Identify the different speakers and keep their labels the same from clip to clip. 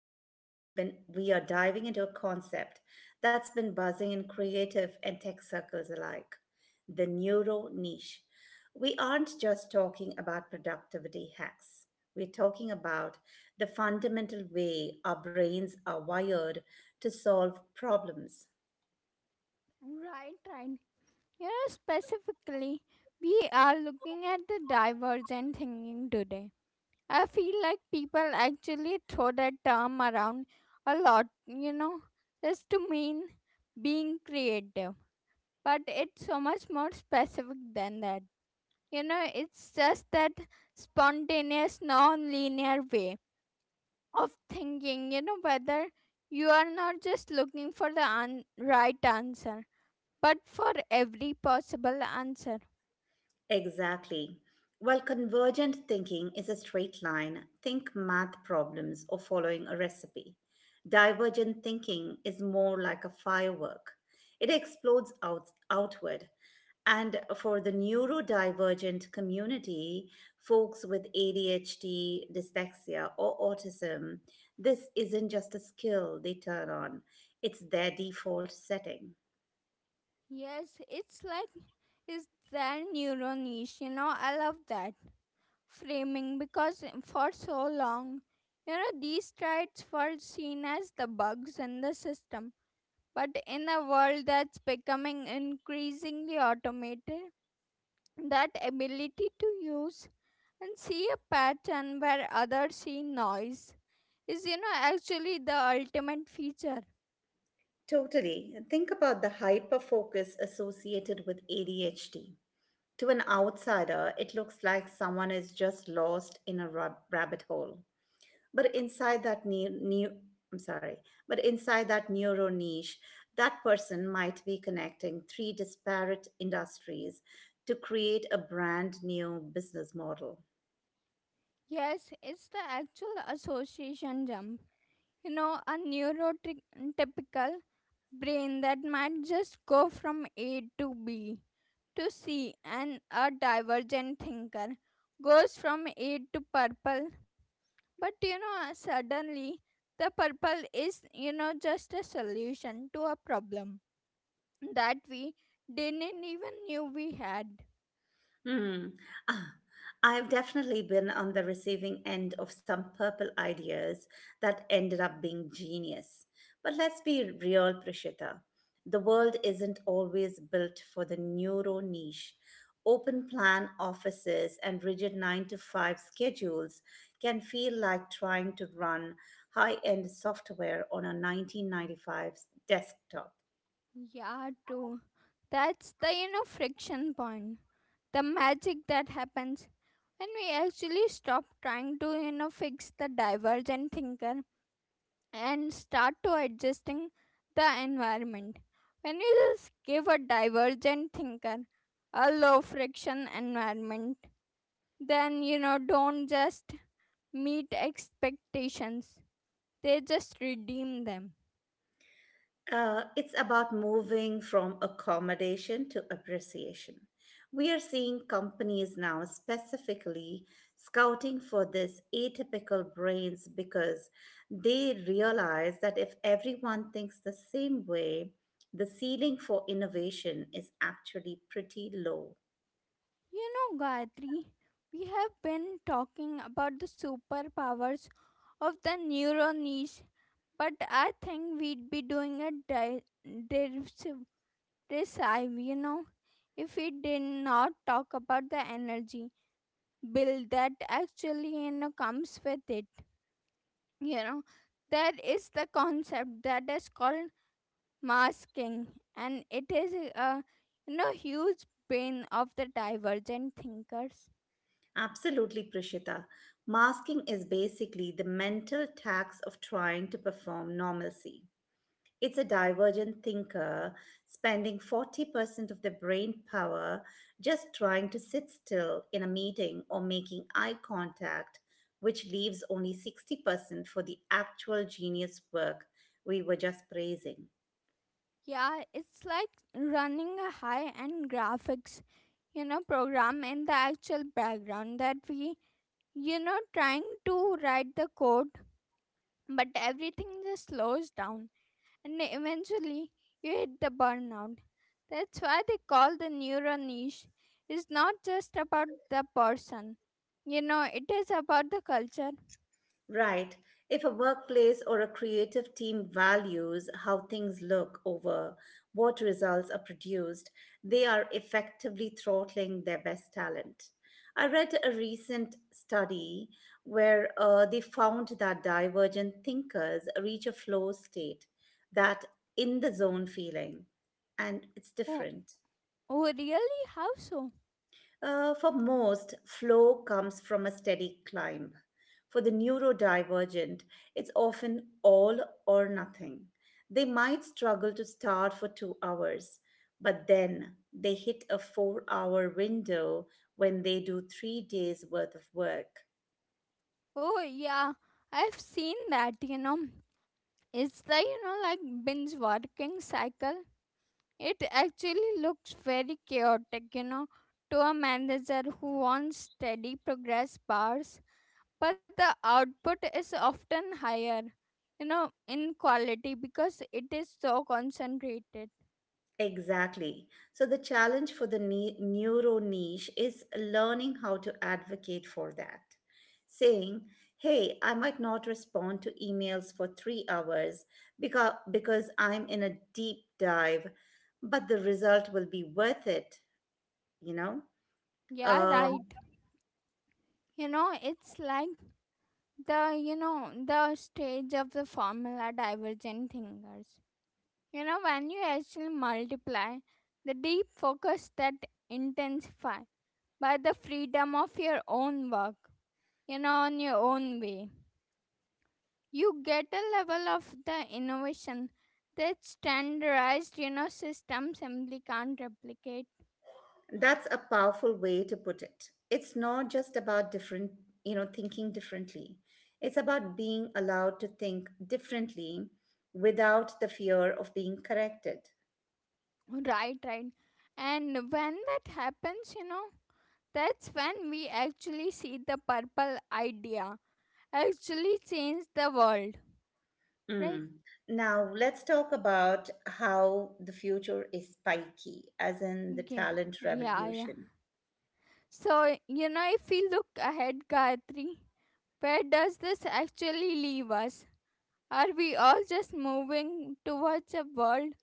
Speaker 1: Today we are diving into a concept that's been buzzing in creative and tech circles alike, the neuro niche. We aren't just talking about productivity hacks. We're talking about the fundamental way our brains are wired to solve problems.
Speaker 2: Right, right. Here specifically, we are looking at the divergent thinking today. I feel like people actually throw that term around a lot, you know, just to mean being creative. But it's so much more specific than that. You know, it's just that spontaneous, non linear way of thinking, you know, whether you are not just looking for the right answer but for every possible answer.
Speaker 1: Exactly. While convergent thinking is a straight line, think math problems or following a recipe. Divergent thinking is more like a firework. It explodes outward. And for the neurodivergent community, folks with ADHD, dyslexia, or autism, this isn't just a skill they turn on, it's their default setting.
Speaker 2: Yes, it's like is their neuro niche, you know, I love that framing because for so long, you know, these traits were seen as the bugs in the system. But in a world that's becoming increasingly automated, that ability to use and see a pattern where others see noise is, you know, actually the ultimate feature.
Speaker 1: Totally. Think about the hyper focus associated with ADHD. To an outsider, it looks like someone is just lost in a rabbit hole. But inside that ne- ne- I'm sorry, but inside that neuro niche, that person might be connecting three disparate industries to create a brand new business model.
Speaker 2: Yes, it's the actual association jump. You know, a neurotypical brain that might just go from A to B to C, and a divergent thinker goes from A to purple. But you know, suddenly the purple is, you know, just a solution to a problem that we didn't even knew we had.
Speaker 1: Hmm. Ah, I've definitely been on the receiving end of some purple ideas that ended up being genius. But let's be real, Prishita. The world isn't always built for the neuro niche. Open plan offices and rigid 9 to 5 schedules can feel like trying to run high end software on a 1995 desktop.
Speaker 2: Yeah, true. That's the you know friction point. The magic that happens when we actually stop trying to you know fix the divergent thinker and start to adjusting the environment. When you just give a divergent thinker a low friction environment, then you know don't just meet expectations. They just redeem them.
Speaker 1: It's about moving from accommodation to appreciation. We are seeing companies now specifically scouting for these atypical brains because they realize that if everyone thinks the same way, the ceiling for innovation is actually pretty low.
Speaker 2: You know, Gayatri, we have been talking about the superpowers of the neuron niche, but I think we'd be doing a derisive recipe, you know, if we did not talk about the energy bill that actually, you know, comes with it. You know, there is the concept that is called masking, and it is a, you know, huge pain of the divergent thinkers.
Speaker 1: Absolutely, Prishita. Masking is basically the mental tax of trying to perform normalcy. It's a divergent thinker spending 40% of their brain power just trying to sit still in a meeting or making eye contact, which leaves only 60% for the actual genius work we were just praising.
Speaker 2: Yeah, it's like running a high end graphics, you know, program in the actual background that we, you know, trying to write the code, but everything just slows down and eventually you hit the burnout. That's why they call the neuro niche. It's not just about the person, you know, it is about the culture.
Speaker 1: Right. If a workplace or a creative team values how things look over what results are produced, they are effectively throttling their best talent. I read a recent study where they found that divergent thinkers reach a flow state, that in the zone feeling, and it's
Speaker 2: Oh,
Speaker 1: different.
Speaker 2: oh really? How so?
Speaker 1: For most, flow comes from a steady climb. For the neurodivergent, it's often all or nothing. They might struggle to start for 2 hours, but then they hit a 4 hour window when they do 3 days worth of work.
Speaker 2: Oh, yeah, I've seen that, you know. It's the you know like binge working cycle. It actually looks very chaotic, you know, to a manager who wants steady progress bars, but the output is often higher, you know, in quality because it is so concentrated.
Speaker 1: Exactly. So, the challenge for the neuro niche is learning how to advocate for that. Saying, hey, I might not respond to emails for 3 hours because I'm in a deep dive, but the result will be worth it, you know?
Speaker 2: Yeah,
Speaker 1: Um,
Speaker 2: right. You know, it's like the you know the stage of the formula divergent thinkers. You know, when you actually multiply, the deep focus that intensify by the freedom of your own work, you know, on your own way. You get a level of the innovation that standardized, you know, system simply can't replicate.
Speaker 1: That's a powerful way to put it. It's not just about different, you know, thinking differently. It's about being allowed to think differently without the fear of being corrected.
Speaker 2: Right, right. And when that happens, you know, that's when we actually see the purple idea actually change the world, right?
Speaker 1: Mm. Now, let's talk about how the future is spiky, as in the
Speaker 2: Yeah,
Speaker 1: talent
Speaker 2: yeah, yeah.
Speaker 1: revolution.
Speaker 2: So, you know, if we look ahead, Gayatri, where does this actually leave us? Are we all just moving towards a world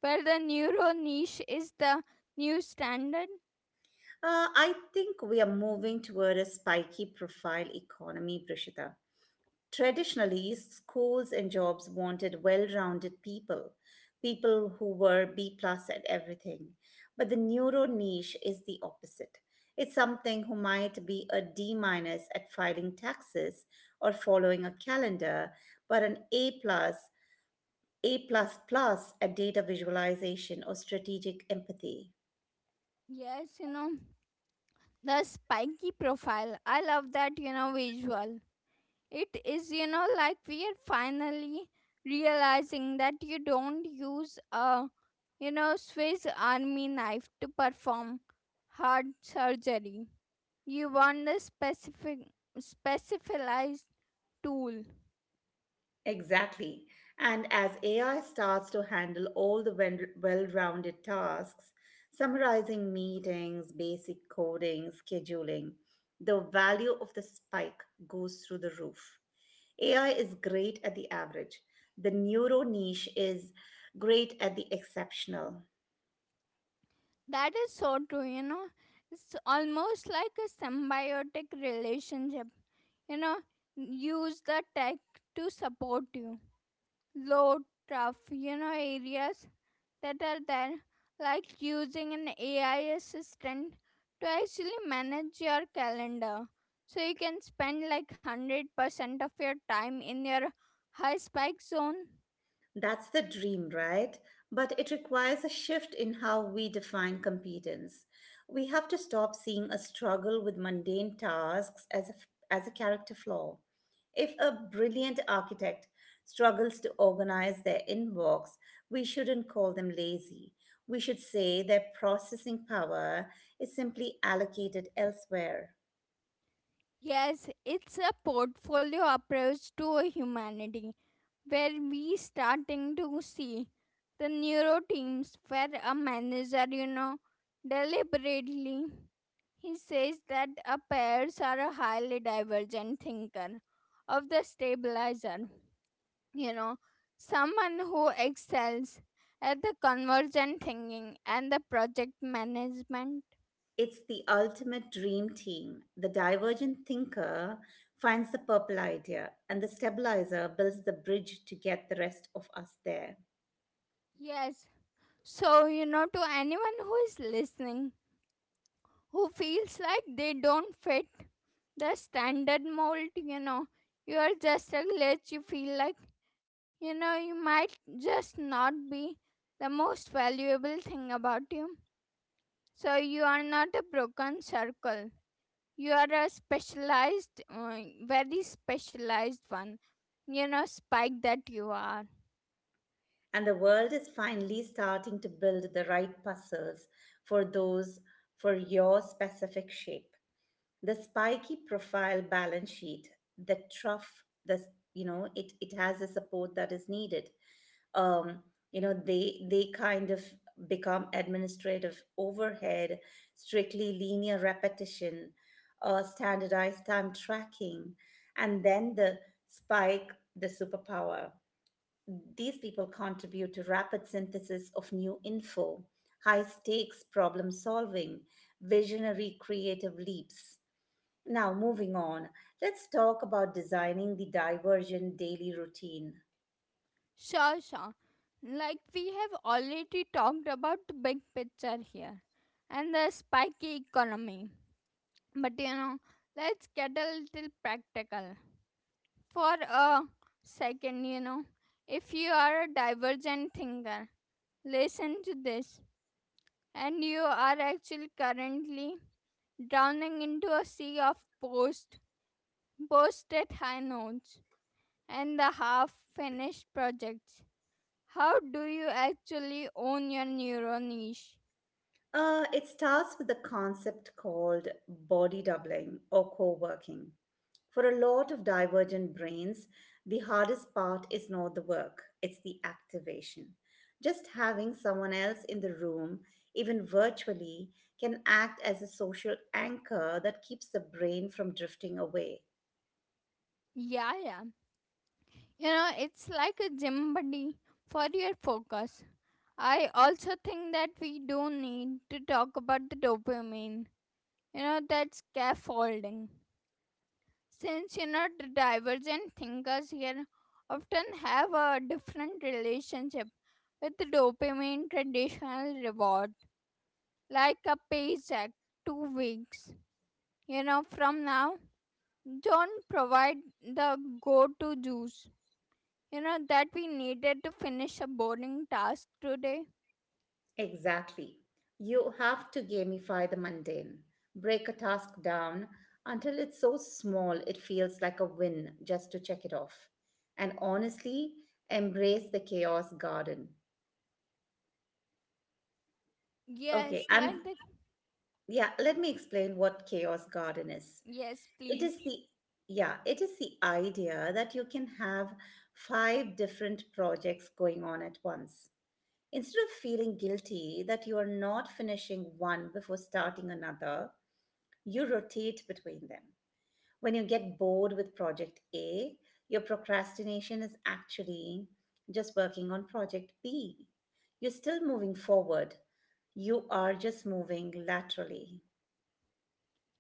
Speaker 2: where the neuro niche is the new standard?
Speaker 1: I think we are moving toward a spiky profile economy, Prishita. Traditionally, schools and jobs wanted well rounded people, people who were B plus at everything. But the neuro niche is the opposite. It's something who might be a D minus at filing taxes or following a calendar, but an A plus plus at data visualization or strategic empathy.
Speaker 2: Yes, you know, the spiky profile. I love that, you know, visual. It is, you know, like we are finally realizing that you don't use a, you know, Swiss army knife to perform heart surgery. You want the specific, specialized tool.
Speaker 1: Exactly. And as AI starts to handle all the well-rounded tasks, summarizing meetings, basic coding, scheduling, the value of the spike goes through the roof. AI is great at the average. The neuro niche is great at the exceptional.
Speaker 2: That is so true, you know. It's almost like a symbiotic relationship. You know, use the tech to support you. Low, tough, you know, areas that are there, like using an AI assistant to actually manage your calendar. So you can spend like 100% of your time in your high spike zone.
Speaker 1: That's the dream, right? But it requires a shift in how we define competence. We have to stop seeing a struggle with mundane tasks as as a character flaw. If a brilliant architect struggles to organize their inbox, we shouldn't call them lazy. We should say their processing power is simply allocated elsewhere.
Speaker 2: Yes, it's a portfolio approach to humanity where we starting to see the neuro teams where a manager, you know, deliberately he says that a pairs are a highly divergent thinker of the stabilizer. You know, someone who excels at the convergent thinking and the project management.
Speaker 1: It's the ultimate dream team. The divergent thinker finds the purple idea, and the stabilizer builds the bridge to get the rest of us there.
Speaker 2: Yes. So, you know, to anyone who is listening, who feels like they don't fit the standard mold, you know, you are just a glitch, you feel like, you know, you might just not be the most valuable thing about you. So you are not a broken circle. You are a specialized, very specialized one. You know, spike that you are.
Speaker 1: And the world is finally starting to build the right puzzles for those for your specific shape. The spiky profile balance sheet, the trough, the you know, it has the support that is needed. um, they kind of become administrative overhead, strictly linear repetition, standardized time tracking, and then the spike, the superpower. These people contribute to rapid synthesis of new info, high stakes problem solving, visionary creative leaps. Now moving on, let's talk about designing the divergent daily routine.
Speaker 2: Sure, sure. Like we have already talked about the big picture here and the spiky economy. But you know, let's get a little practical for a second. You know, if you are a divergent thinker, listen to this and you are actually currently drowning into a sea of posted high notes, and the half finished projects. How do you actually own your neuro niche?
Speaker 1: It starts with a concept called body doubling or co working. For a lot of divergent brains, the hardest part is not the work, it's the activation. Just having someone else in the room, even virtually, can act as a social anchor that keeps the brain from drifting away.
Speaker 2: Yeah, yeah. You know, it's like a gym buddy for your focus. I also think that we do need to talk about the dopamine. You know, that scaffolding. Since you know the divergent thinkers here often have a different relationship with dopamine traditional reward, like a paycheck, 2 weeks, you know, from now. Don't provide the go to juice, you know, that we needed to finish a boring task today.
Speaker 1: Exactly. You have to gamify the mundane. Break a task down until it's so small it feels like a win just to check it off. And honestly, embrace the chaos garden.
Speaker 2: Yes,
Speaker 1: Okay, I'm
Speaker 2: like the
Speaker 1: yeah, Let me explain what chaos garden is.
Speaker 2: yes,
Speaker 1: It is
Speaker 2: please.
Speaker 1: it is the idea that you can have 5 different projects going on at once. Instead of feeling guilty that you are not finishing one before starting another, you rotate between them. When you get bored with project A, your procrastination is actually just working on project B. You're still moving forward, you are just moving laterally.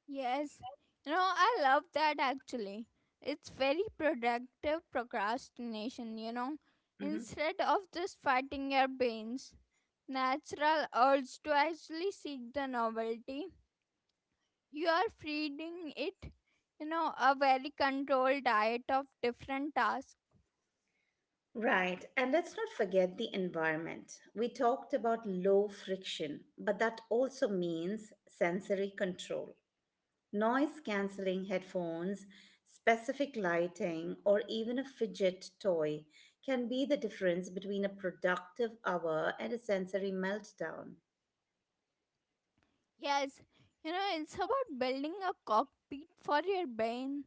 Speaker 2: Yes, you know, I love that actually. It's very productive procrastination, you know.
Speaker 1: hmm
Speaker 2: Instead of just fighting your brains, natural urge to actually seek the novelty, you are feeding it, you know, a very controlled diet of different tasks.
Speaker 1: Right. And let's not forget the environment. We talked about low friction, but that also means sensory control. Noise cancelling headphones, specific lighting, or even a fidget toy can be the difference between a productive hour and a sensory meltdown.
Speaker 2: Yes, you know, it's about building a cockpit for your brain.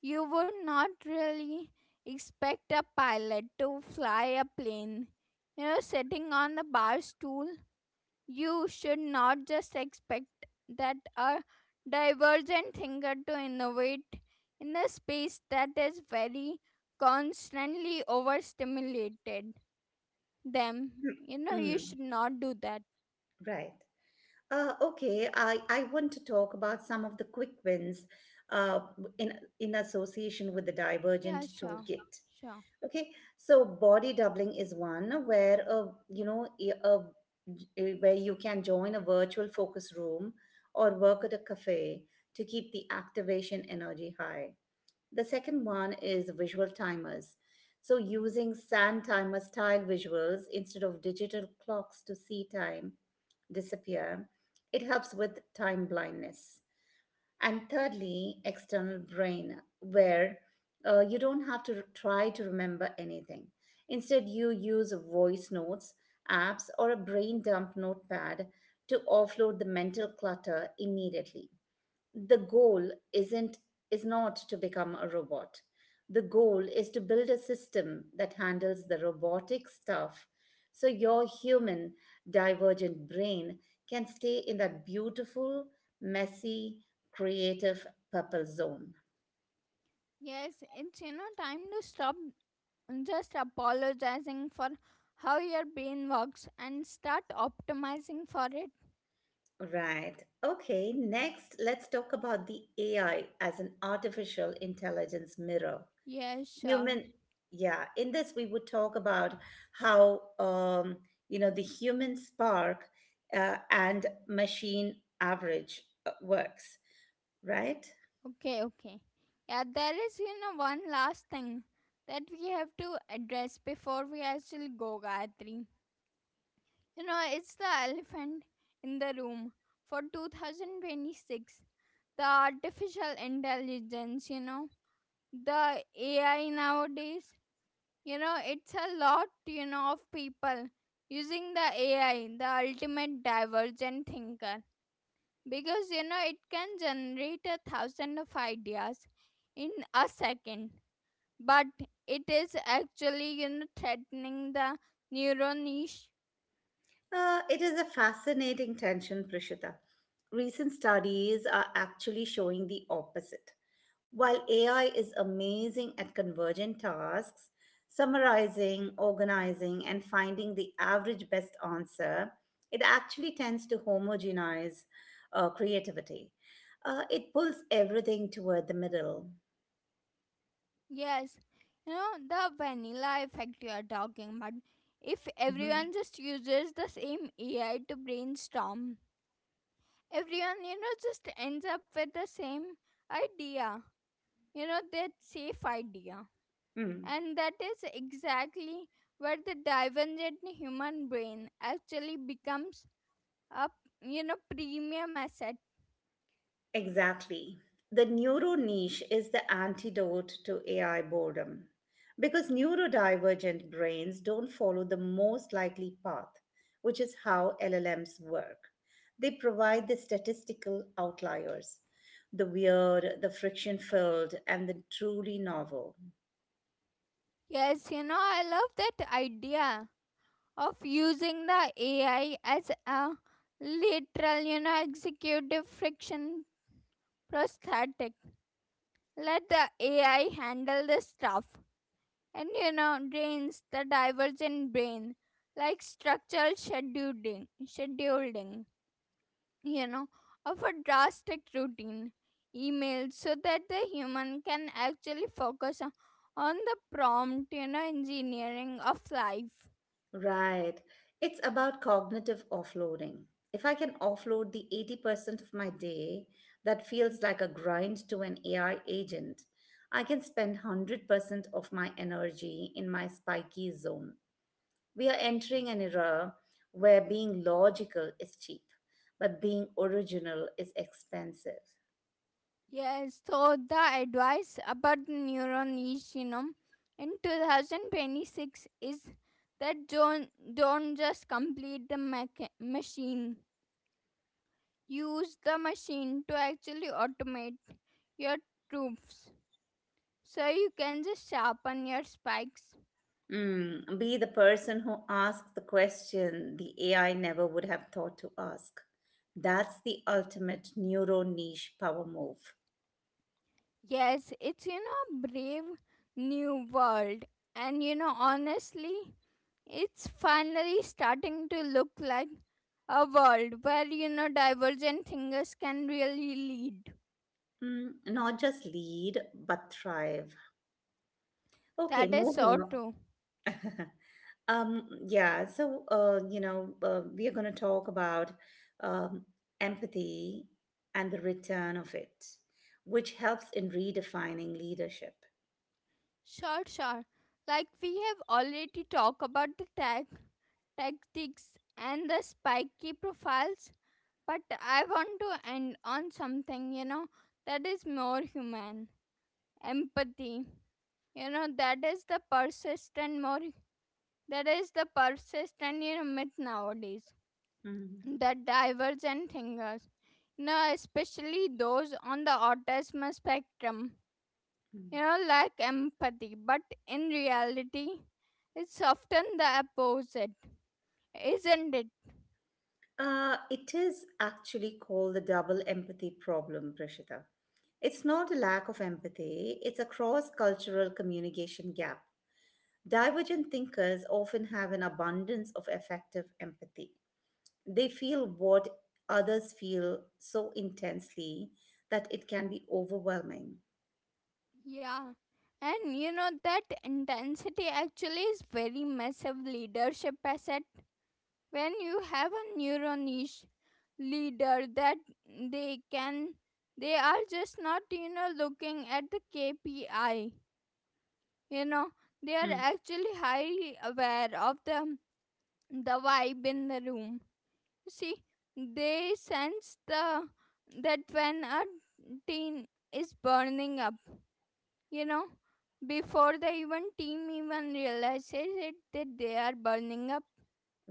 Speaker 2: You would not really expect a pilot to fly a plane. You know, sitting on the bar stool, you should not just expect that a divergent thinker to innovate in a space that is very constantly overstimulated. Them, you know, you
Speaker 1: Mm,
Speaker 2: should not do that.
Speaker 1: right. I want to talk about some of the quick wins uh, in, in association with the
Speaker 2: Yeah,
Speaker 1: Divergent
Speaker 2: sure,
Speaker 1: Toolkit.
Speaker 2: sure.
Speaker 1: Okay, so body doubling is one where a you know a- where you can join a virtual focus room or work at a cafe to keep the activation energy high. The second one is visual timers. So using sand timer style visuals instead of digital clocks to see time disappear, it helps with time blindness. And thirdly, external brain, where you don't have to try to remember anything. Instead, you use voice notes, apps, or a brain dump notepad to offload the mental clutter immediately. The goal isn't is not to become a robot. The goal is to build a system that handles the robotic stuff so your human divergent brain can stay in that beautiful, messy, creative purple zone.
Speaker 2: Yes, it's you know time to stop just apologizing for how your brain works and start optimizing for it.
Speaker 1: Right. Okay, next let's talk about the AI as an artificial intelligence mirror
Speaker 2: Yeah, sure.
Speaker 1: human. Yeah, in this we would talk about how you know the human spark and machine average works right.
Speaker 2: Okay, okay, yeah, there is you know one last thing that we have to address before we actually go, Gayatri. You know, it's the elephant in the room for 2026, the artificial intelligence, you know, the AI nowadays, you know, it's a lot you know of people using the AI, the ultimate divergent thinker, because you know it can generate a thousand of ideas in a second, but it is actually you know threatening the neural niche.
Speaker 1: It is a fascinating tension, Prishita. Recent studies are actually showing the opposite. While AI is amazing at convergent tasks, summarizing, organizing, and finding the average best answer, it actually tends to homogenize creativity. It pulls everything toward the middle.
Speaker 2: Yes, you know, the vanilla effect you are talking about. If
Speaker 1: Mhm.
Speaker 2: everyone just uses the same AI to brainstorm, everyone you know just ends up with the same idea, you know, that safe idea.
Speaker 1: Mm.
Speaker 2: And that is exactly where the divergent human brain actually becomes a, you know, premium asset.
Speaker 1: Exactly. The neuro niche is the antidote to AI boredom because neurodivergent brains don't follow the most likely path, which is how LLMs work. They provide the statistical outliers, the weird, the friction filled, and the truly novel.
Speaker 2: Yes, you know, I love that idea of using the AI as a literal, you know, executive friction prosthetic. Let the AI handle the stuff and you know drains the divergent brain, like structural scheduling, you know, of a drastic routine email, so that the human can actually focus on the prompt, you know, engineering of life.
Speaker 1: Right. It's about cognitive offloading. If I can offload the 80% of my day that feels like a grind to an AI agent, I can spend 100% of my energy in my spiky zone. We are entering an era where being logical is cheap, but being original is expensive.
Speaker 2: Yes, so the advice about the neuron is, you know, in 2026 is that don't just complete the machine. Use the machine to actually automate your troops so you can just sharpen your spikes.
Speaker 1: Mm, be the person who asks the question the AI never would have thought to ask. That's the ultimate neuro niche power move.
Speaker 2: Yes, it's you know brave new world, and you know honestly it's finally starting to look like a world where you know divergent thinkers can really lead.
Speaker 1: Mm, not just lead, but thrive. Okay,
Speaker 2: That is so
Speaker 1: moving
Speaker 2: true.
Speaker 1: on. We are going to talk about um, empathy and the return of it, which helps in redefining leadership.
Speaker 2: Sure, sure. Like we have already talked about the tag tactics and the spiky profiles, but I want to end on something you know that is more human. Empathy, you know, that is the persistent more, that is the persistent you know myth nowadays.
Speaker 1: Mm.
Speaker 2: The divergent thinkers, you know, especially those on the autism spectrum,
Speaker 1: Hmm.
Speaker 2: you know, lack empathy, but in reality it's often the opposite, isn't it?
Speaker 1: It is actually called the double empathy problem, Prashita. It's not a lack of empathy, it's a cross cultural communication gap. Divergent thinkers often have an abundance of effective empathy. They feel what others feel so intensely that it can be overwhelming.
Speaker 2: Yeah, and you know that intensity actually is very massive leadership asset. When you have a neuronish leader that they can, they are just not you know looking at the KPI, you know, they are actually highly aware of the vibe in the room, you see. They sense the that when a teen is burning up, you know, before the even team even realizes it that they are burning up.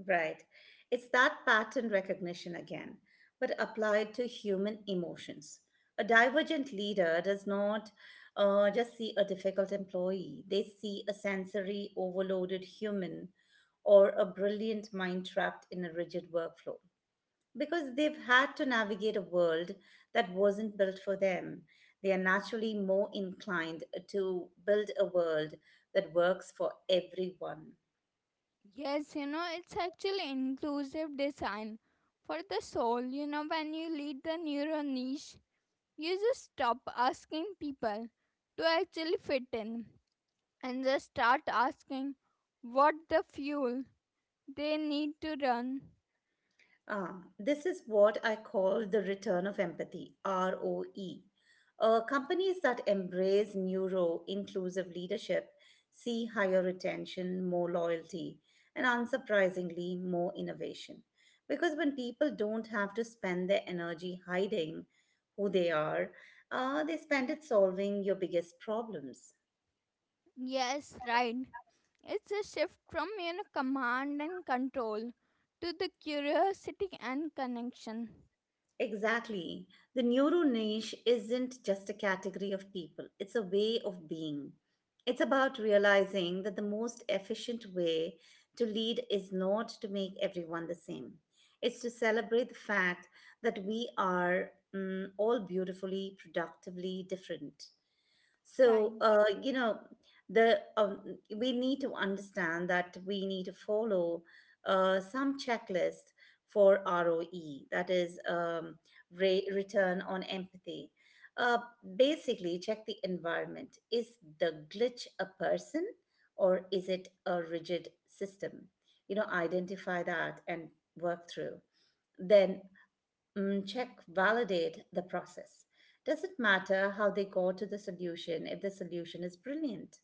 Speaker 1: Right. It's that pattern recognition again, but applied to human emotions. A divergent leader does not just see a difficult employee, they see a sensory overloaded human or a brilliant mind trapped in a rigid workflow. Because they've had to navigate a world that wasn't built for them, they are naturally more inclined to build a world that works for everyone.
Speaker 2: Yes, you know, it's actually inclusive design for the soul. You know, when you lead the neuro niche, you just stop asking people to actually fit in and just start asking what the fuel they need to run.
Speaker 1: Ah, this is what I call the return of empathy, ROE. Companies that embrace neuro inclusive leadership see higher retention, more loyalty, and unsurprisingly, more innovation. Because when people don't have to spend their energy hiding who they are, they spend it solving your biggest problems.
Speaker 2: Yes, right. It's a shift from, you know, command and control to the curiosity and connection.
Speaker 1: Exactly. The neuro niche isn't just a category of people, it's a way of being. It's about realizing that the most efficient way to lead is not to make everyone the same. It's to celebrate the fact that we are mm, all beautifully, productively different. So,
Speaker 2: Right.
Speaker 1: you know, the we need to understand that we need to follow some checklist for ROE, that is return on empathy. Uh, basically, check the environment. Is the glitch a person or is it a rigid system? You know, identify that and work through. Then check validate the process, doesn't matter how they got to the solution if the solution is brilliant.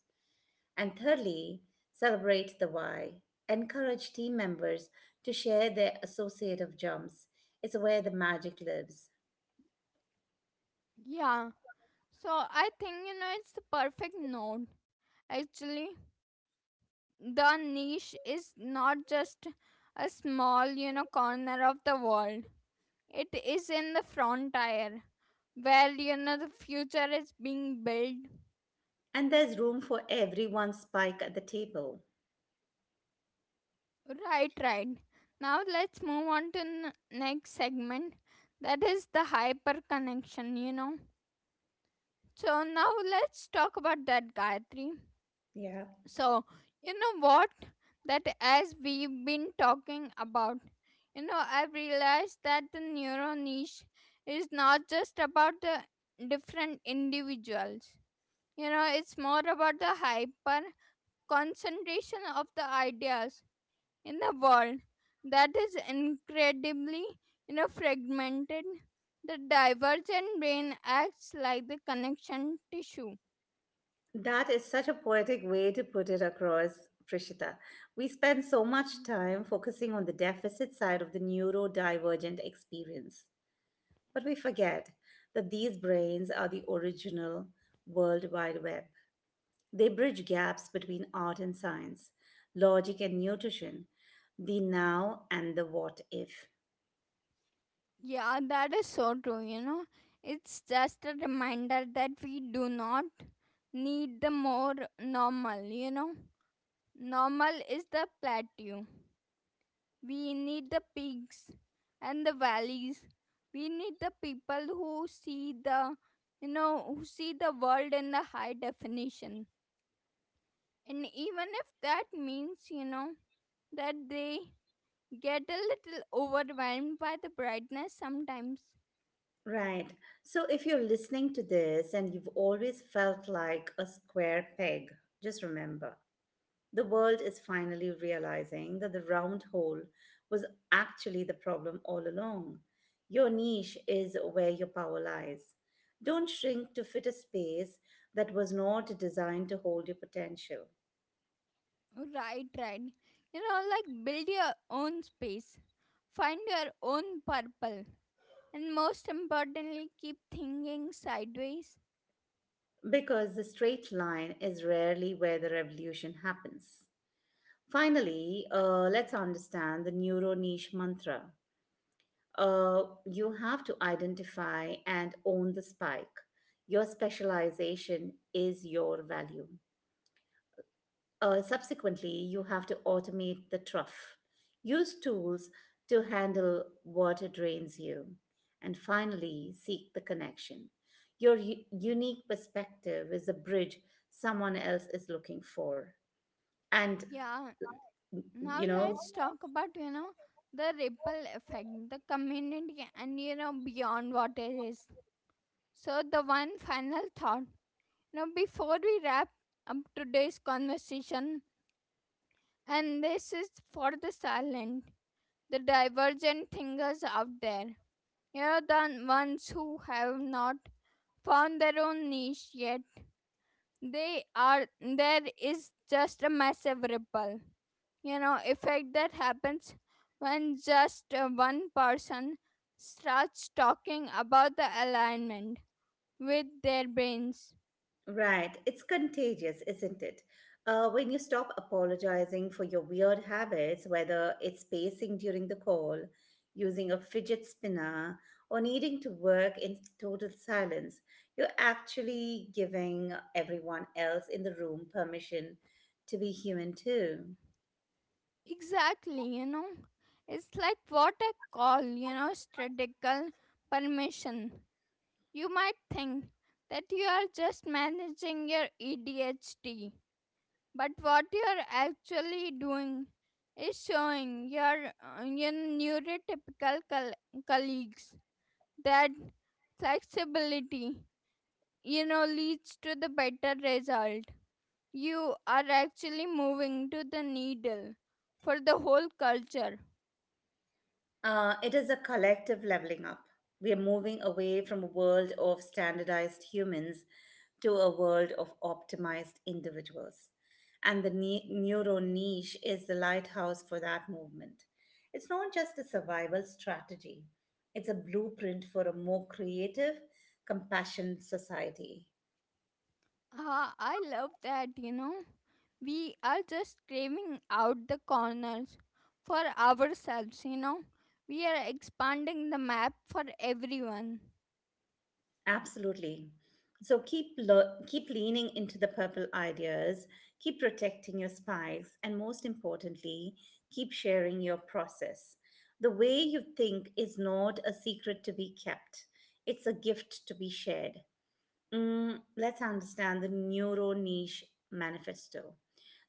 Speaker 1: And thirdly, celebrate the why, encourage team members to share their associative jumps. It's where the magic lives.
Speaker 2: Yeah. So I think, you know, it's the perfect note actually. The niche is not just a small you know corner of the world, it is in the frontier where you know the future is being built.
Speaker 1: And there's room for everyone's spike at the table.
Speaker 2: Right, right. Now let's move on to next segment, that is the hyper connection, you know. So now let's talk about that, Gayatri.
Speaker 1: Yeah.
Speaker 2: So, you know what? That as we've been talking about, you know, I've realized that the neuro niche is not just about the different individuals. You know, it's more about the hyper concentration of the ideas in the world that is incredibly, fragmented. The divergent brain acts like the connection tissue.
Speaker 1: That is such a poetic way to put it across, Prishita. We spend so much time focusing on the deficit side of the neurodivergent experience, but we forget that these brains are the original World Wide Web. They bridge gaps between art and science, logic and nutrition, the now and the what if.
Speaker 2: Yeah, that is so true, you know. It's just a reminder that we do not need the more normal, you know. Normal is the plateau. We need the peaks and the valleys. We need the people who see the, you know, who see the world in the high definition. And even if that means, you know, that they get a little overwhelmed by the brightness sometimes.
Speaker 1: Right. So if you're listening to this and you've always felt like a square peg, just remember. The world is finally realizing that the round hole was actually the problem all along. Your niche is where your power lies. Don't shrink to fit a space that was not designed to hold your potential,
Speaker 2: Right, right. You know, like build your own space, find your own purple, and most importantly, keep thinking sideways.
Speaker 1: because the straight line is rarely where the revolution happens. Finally, let's understand the neuro niche mantra. You have to identify and own the spike. Your specialization is your value. Subsequently, you have to automate the trough. Use tools to handle what drains you. And finally, seek the connection. Your unique perspective is a bridge someone else is looking for. And,
Speaker 2: Yeah, now
Speaker 1: you know,
Speaker 2: let's talk about, you know, the ripple effect, the community, and you know, beyond what it is. So, the one final thought, you know, before we wrap up today's conversation, and this is for the silent, the divergent thinkers out there, you know, the ones who have not found their own niche yet. They are there is just a massive ripple, you know, effect that happens when just one person starts talking about the alignment with their brains.
Speaker 1: right. It's contagious, isn't it? When you stop apologizing for your weird habits, whether it's pacing during the call, using a fidget spinner, or needing to work in total silence, you're actually giving everyone else in the room permission to be human too.
Speaker 2: Exactly, you know, it's like what I call, you know, strategical permission. You might think that you are just managing your ADHD. But what you're actually doing is showing your neurotypical colleagues that flexibility, you know, leads to the better result. You are actually moving to the needle for the whole culture.
Speaker 1: It is a collective leveling up. We are moving away from a world of standardized humans to a world of optimized individuals. And the neuro niche is the lighthouse for that movement. It's not just a survival strategy, it's a blueprint for a more creative, compassionate society.
Speaker 2: Ah, I love that, you know. We are just craving out the corners for ourselves, you know. We are expanding the map for everyone.
Speaker 1: Absolutely. So keep keep leaning into the purple ideas, keep protecting your spikes, and most importantly, keep sharing your process. The way you think is not a secret to be kept. It's a gift to be shared. Let's understand the neuro niche manifesto.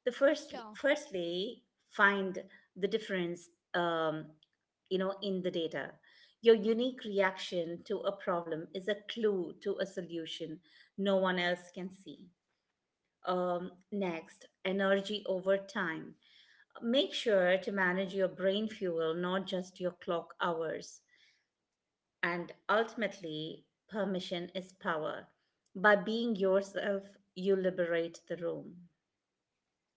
Speaker 1: The first,
Speaker 2: Sure.
Speaker 1: firstly, find the difference, um, in the data. Your unique reaction to a problem is a clue to a solution no one else can see. Next, energy over time. Make sure to manage your brain fuel, not just your clock hours. And ultimately, permission is power. By being yourself, you liberate the room.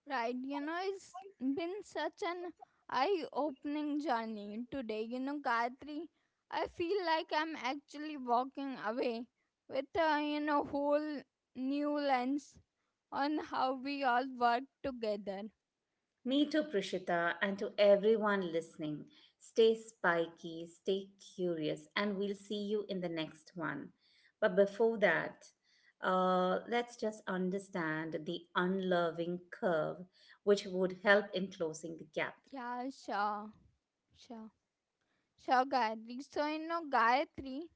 Speaker 2: Right. You know, it's been such an eye opening journey today. You know, Gayatri, I feel like I'm actually walking away with a, you know, whole new lens on how we all work together.
Speaker 1: Me too, Prishita, and to everyone listening. Stay spiky, stay curious, and we'll see you in the next one. But before that, let's just understand the unloving curve, which would help in closing the gap.
Speaker 2: Yeah, sure. Sure. Sure, Gayatri. So, you know, Gayatri,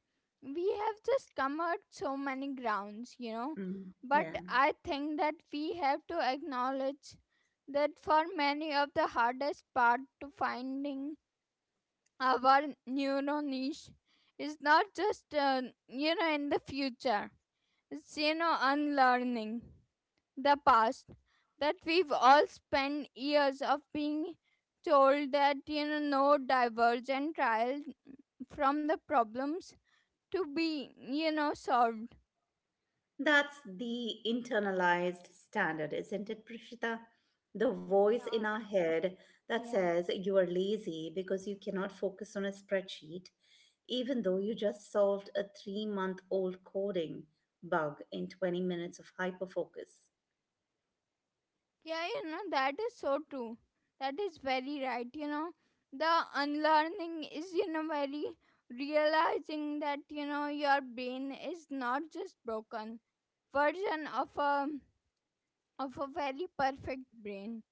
Speaker 2: we have just covered so many grounds, you know,
Speaker 1: Mm,
Speaker 2: but
Speaker 1: yeah.
Speaker 2: I think that we have to acknowledge that for many of the hardest part to finding our neuro niche is not just, you know, in the future, it's, you know, unlearning the past that we've all spent years of being told that you know no divergent trial from the problems to be, you know, solved.
Speaker 1: That's the internalized standard, isn't it, Prishita? The voice
Speaker 2: Yeah.
Speaker 1: in our head that
Speaker 2: Yeah.
Speaker 1: says you are lazy because you cannot focus on a spreadsheet, even though you just solved a 3 month old coding bug in 20 minutes of hyperfocus.
Speaker 2: Yeah, you know, that is so true. That is very right, you know. The unlearning is, you know, very realizing that you know your brain is not just broken version of a very perfect brain,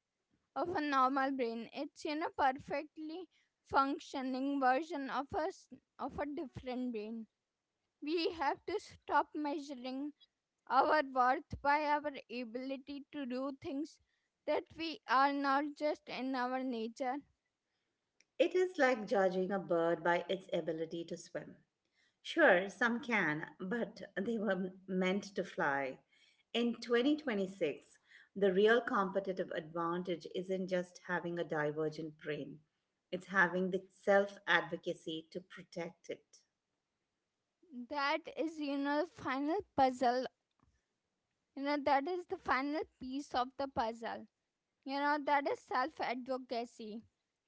Speaker 2: of a normal brain. It's, you know, perfectly functioning version of us, of a different brain. We have to stop measuring our worth by our ability to do things that we are not just in our nature.
Speaker 1: It is like judging a bird by its ability to swim. Sure, some can, but they were meant to fly. In 2026, the real competitive advantage isn't just having a divergent brain, it's having the self advocacy to protect it.
Speaker 2: That is, you know, final puzzle. You know, that is the final piece of the puzzle. You know, that is self advocacy.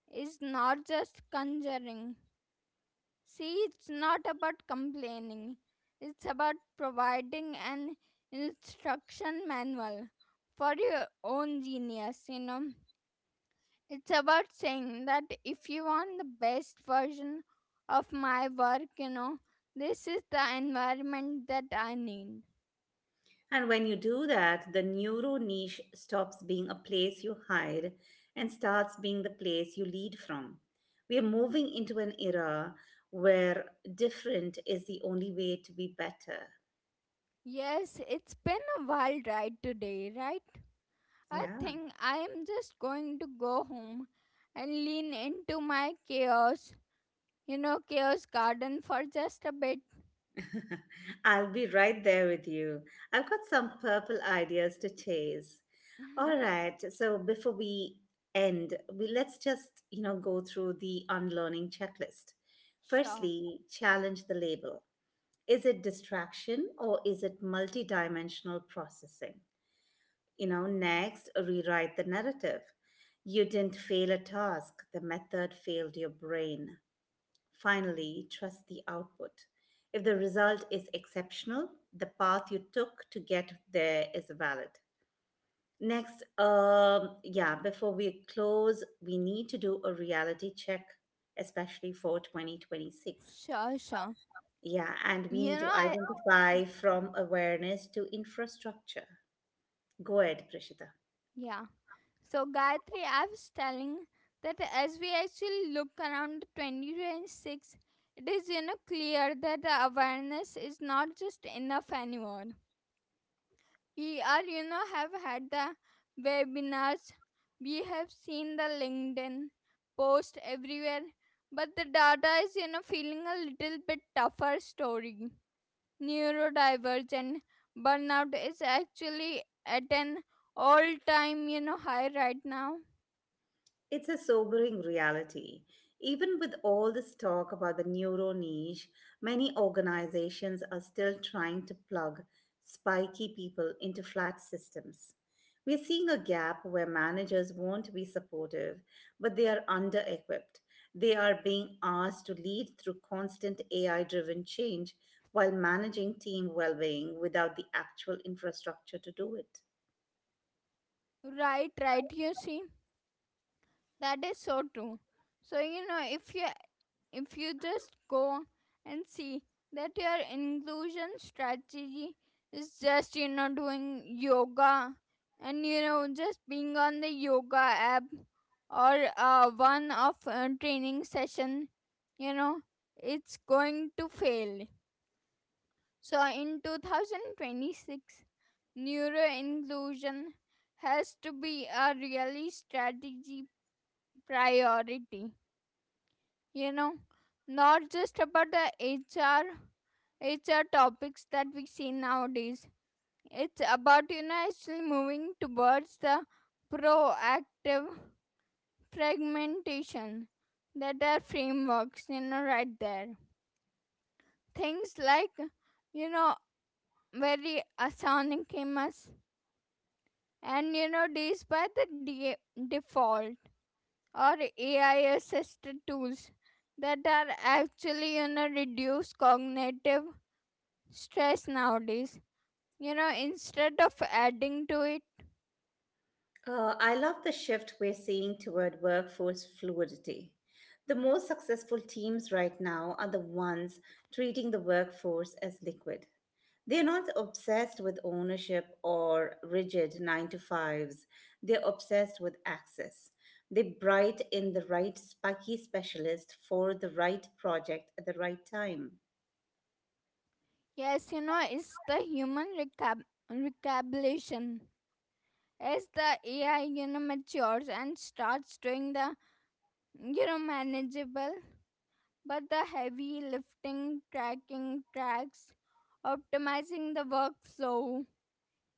Speaker 2: It's not just conjuring. See, it's not about complaining, it's about providing an instruction manual for your own genius, you know. It's about saying that if you want the best version of my work, you know, this is the environment that I need.
Speaker 1: And when you do that, the neuro niche stops being a place you hide and starts being the place you lead from. We are moving into an era where different is the only way to be better.
Speaker 2: Yes, it's been a wild ride today, right? I
Speaker 1: Yeah.
Speaker 2: think I am just going to go home and lean into my chaos, you know, chaos garden for just a bit.
Speaker 1: I'll be right there with you. I've got some purple ideas to chase. All right, so before we end, we let's just, you know, go through the unlearning checklist.
Speaker 2: Sure,
Speaker 1: Firstly, challenge the label. Is it distraction or is it multidimensional processing? You know, next, rewrite the narrative. You didn't fail a task, the method failed your brain. Finally, trust the output. If the result is exceptional, the path you took to get there is valid. Next, yeah, before we close, we need to do a reality check, especially for 2026.
Speaker 2: sure, sure.
Speaker 1: Yeah, and we need
Speaker 2: You know,
Speaker 1: to
Speaker 2: I,
Speaker 1: identify from awareness to infrastructure. Go ahead, Prishita.
Speaker 2: yeah. So Gayatri, I was telling that as we actually look around 2026, it is, you know, clear that the awareness is not just enough anymore. We are, you know, have had the webinars, we have seen the LinkedIn post everywhere, but the data is, you know, feeling a little bit tougher story. Neurodivergent burnout is actually at an all time, you know, high right now.
Speaker 1: It's a sobering reality. Even with all this talk about the neuro niche, many organizations are still trying to plug spiky people into flat systems. We're seeing a gap where managers won't be supportive, but they are under equipped. They are being asked to lead through constant AI driven change while managing team well being without the actual infrastructure to do it.
Speaker 2: Right, right. You see, that is so true. So you know, if you just go and see that your inclusion strategy is just, you know, doing yoga and you know just being on the yoga app or one of training session, you know, it's going to fail. So in 2026, neuro inclusion has to be a really strategy priority, you know, not just about the hr topics that we see nowadays. It's about, you know, actually moving towards the proactive fragmentation that are frameworks, you know, right there. Things like, you know, very asynchronous and you know these by the default or AI assisted tools that are actually, you know, reduce cognitive stress nowadays. You know, instead of adding to it,
Speaker 1: I love the shift we're seeing toward workforce fluidity. The most successful teams right now are the ones treating the workforce as liquid. They're not obsessed with ownership or rigid nine to fives, they're obsessed with access. They bright in the right spiky specialist for the right project at the right time.
Speaker 2: yes, you know, it's the human recapitulation. As the AI, you know, matures and starts doing the, you know, manageable but the heavy lifting, tracking tracks, optimizing the workflow.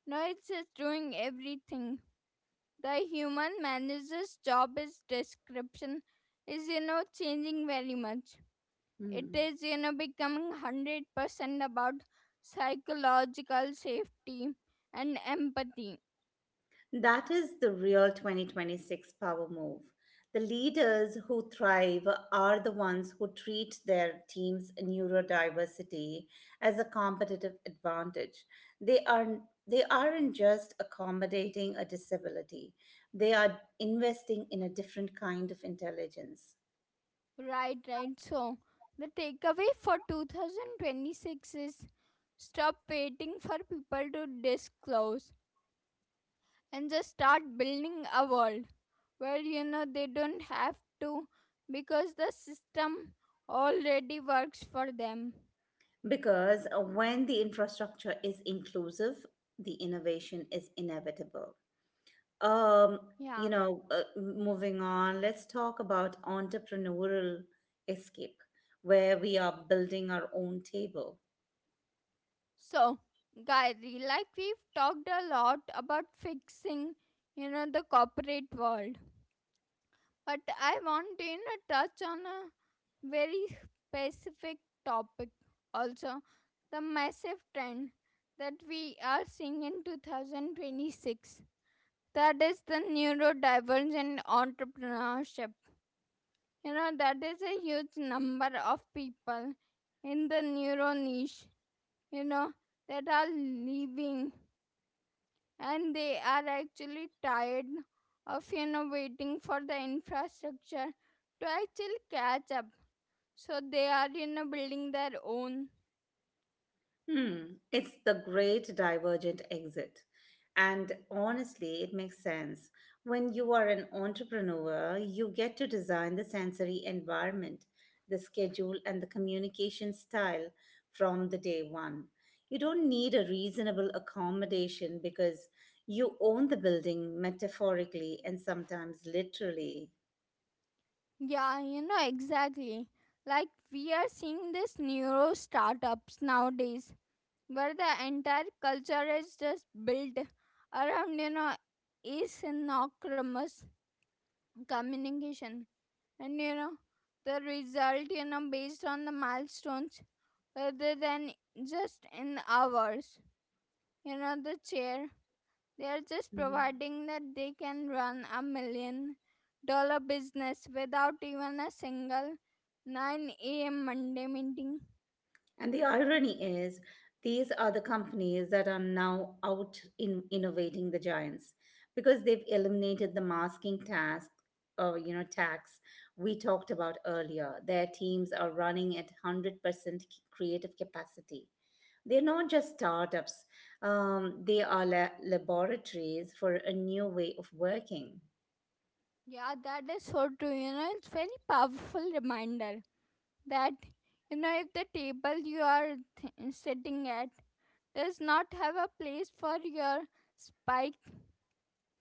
Speaker 2: No, it's just doing everything. The human manager's job is description is, you know, changing very much. It
Speaker 1: Hmm.
Speaker 2: is, you know, becoming 100% about psychological safety and empathy.
Speaker 1: That is the real 2026 power move. The leaders who thrive are the ones who treat their team's neurodiversity as a competitive advantage. They are they aren't just accommodating a disability. They are investing in a different kind of intelligence.
Speaker 2: Right, right. So the takeaway for 2026 is stop waiting for people to disclose and just start building a world where, you know, they don't have to, because the system already works for them.
Speaker 1: Because when the infrastructure is inclusive, the innovation is inevitable. Um, you
Speaker 2: Yeah.
Speaker 1: know, moving on, let's talk about entrepreneurial escape, where we are building our own table.
Speaker 2: So, Gayatri, like we've talked a lot about fixing, you know, the corporate world, but I want to, you know, touch on a very specific topic also, the massive trend that we are seeing in 2026. That is the neurodivergent entrepreneurship. You know, that is a huge number of people in the neuro niche, you know, that are leaving, and they are actually tired of you know waiting for the infrastructure to actually catch up, so they are, you know, building their own.
Speaker 1: Hmm, it's the great divergent exit. And honestly, it makes sense. When you are an entrepreneur, you get to design the sensory environment, the schedule, and the communication style from the day one. You don't need a reasonable accommodation because you own the building metaphorically and sometimes literally.
Speaker 2: Yeah, you know, exactly. Like we are seeing this neuro startups nowadays where the entire culture is just built around, you know, asynchronous communication, and you know the result, you know, based on the milestones rather than just in hours. You know the chair they are just providing that they can run a million dollar business without even a single 9 a.m. monday meeting.
Speaker 1: And the irony is, these are the companies that are now out in innovating the giants because they've eliminated the masking task, or you know tax, we talked about earlier. Their teams are running at 100% creative capacity. They're not just startups. They are laboratories for a new way of working.
Speaker 2: Yeah, that is so true, you know. It's very powerful reminder that, you know, if the table you are sitting at does not have a place for your spike,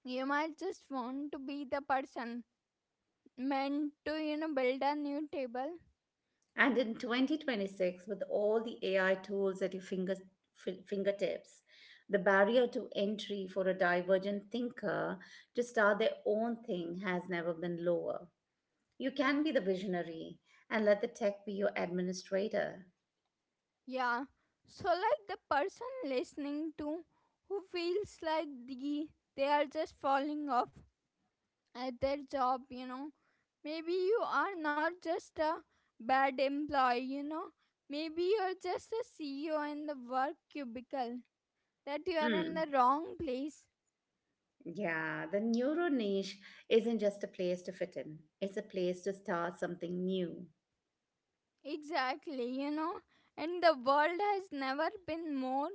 Speaker 2: you might just want to be the person meant to, you know, build a new table.
Speaker 1: And in 2026, with all the AI tools at your fingertips, the barrier to entry for a divergent thinker to start their own thing has never been lower. You can be the visionary and let the tech be your administrator.
Speaker 2: Yeah. So like the person listening to who feels like they are just falling off at their job, you know. Maybe you are not just a bad employee, you know. Maybe you're just a CEO in the work cubicle. That you are in
Speaker 1: Hmm.
Speaker 2: the wrong place.
Speaker 1: Yeah, the neuro niche isn't just a place to fit in, it's a place to start something new.
Speaker 2: Exactly, you know, and the world has never been more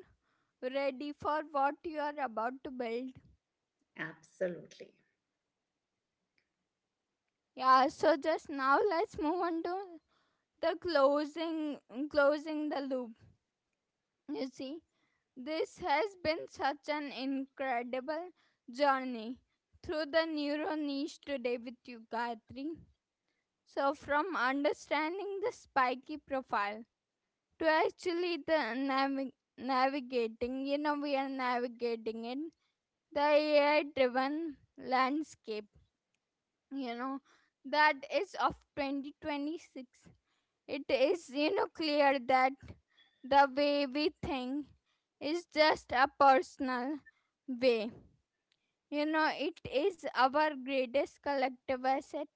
Speaker 2: ready for what you are about to build.
Speaker 1: Absolutely.
Speaker 2: Yeah, so just now let's move on to the closing closing the loop. You see, this has been such an incredible journey through the neuro niche today with you, Gayatri. So from understanding the spiky profile to actually the navigating, you know, we are navigating in the AI driven landscape, you know, that is of 2026. It is, you know, clear that the way we think is just a personal way. You know, it is our greatest collective asset.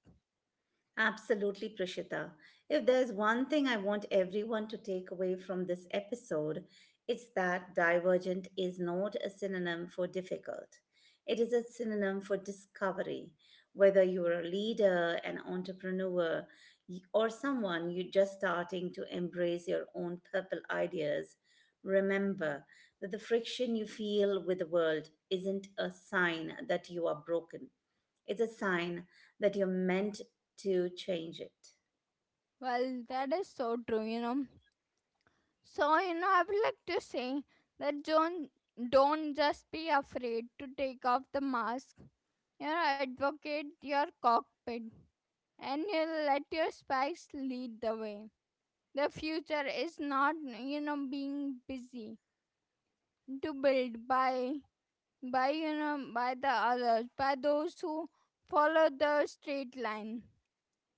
Speaker 1: Absolutely, Prishita. If there's one thing I want everyone to take away from this episode, it's that divergent is not a synonym for difficult. It is a synonym for discovery. Whether you're a leader, an entrepreneur, or someone you're just starting to embrace your own purple ideas, remember that the friction you feel with the world isn't a sign that you are broken. It's a sign that you're meant to change it.
Speaker 2: Well, that is so true, you know. So, you know, I would like to say that John, don't just be afraid to take off the mask. You know, advocate your cockpit and you let your spies lead the way. The future is not, you know, being busy to build you know, by the others, by those who follow the straight line.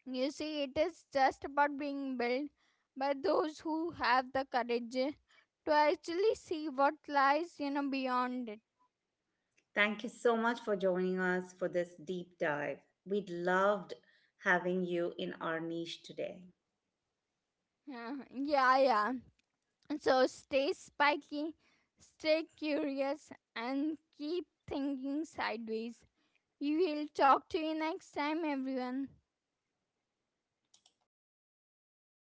Speaker 2: You see, it is just about being built by those who have the courage to actually see what lies, you know, beyond it.
Speaker 1: Thank you so much for joining us for this deep dive. We'd loved having you in our niche today.
Speaker 2: Yeah, yeah, yeah. So stay spiky, stay curious, and keep thinking sideways. We will talk to you next time, everyone.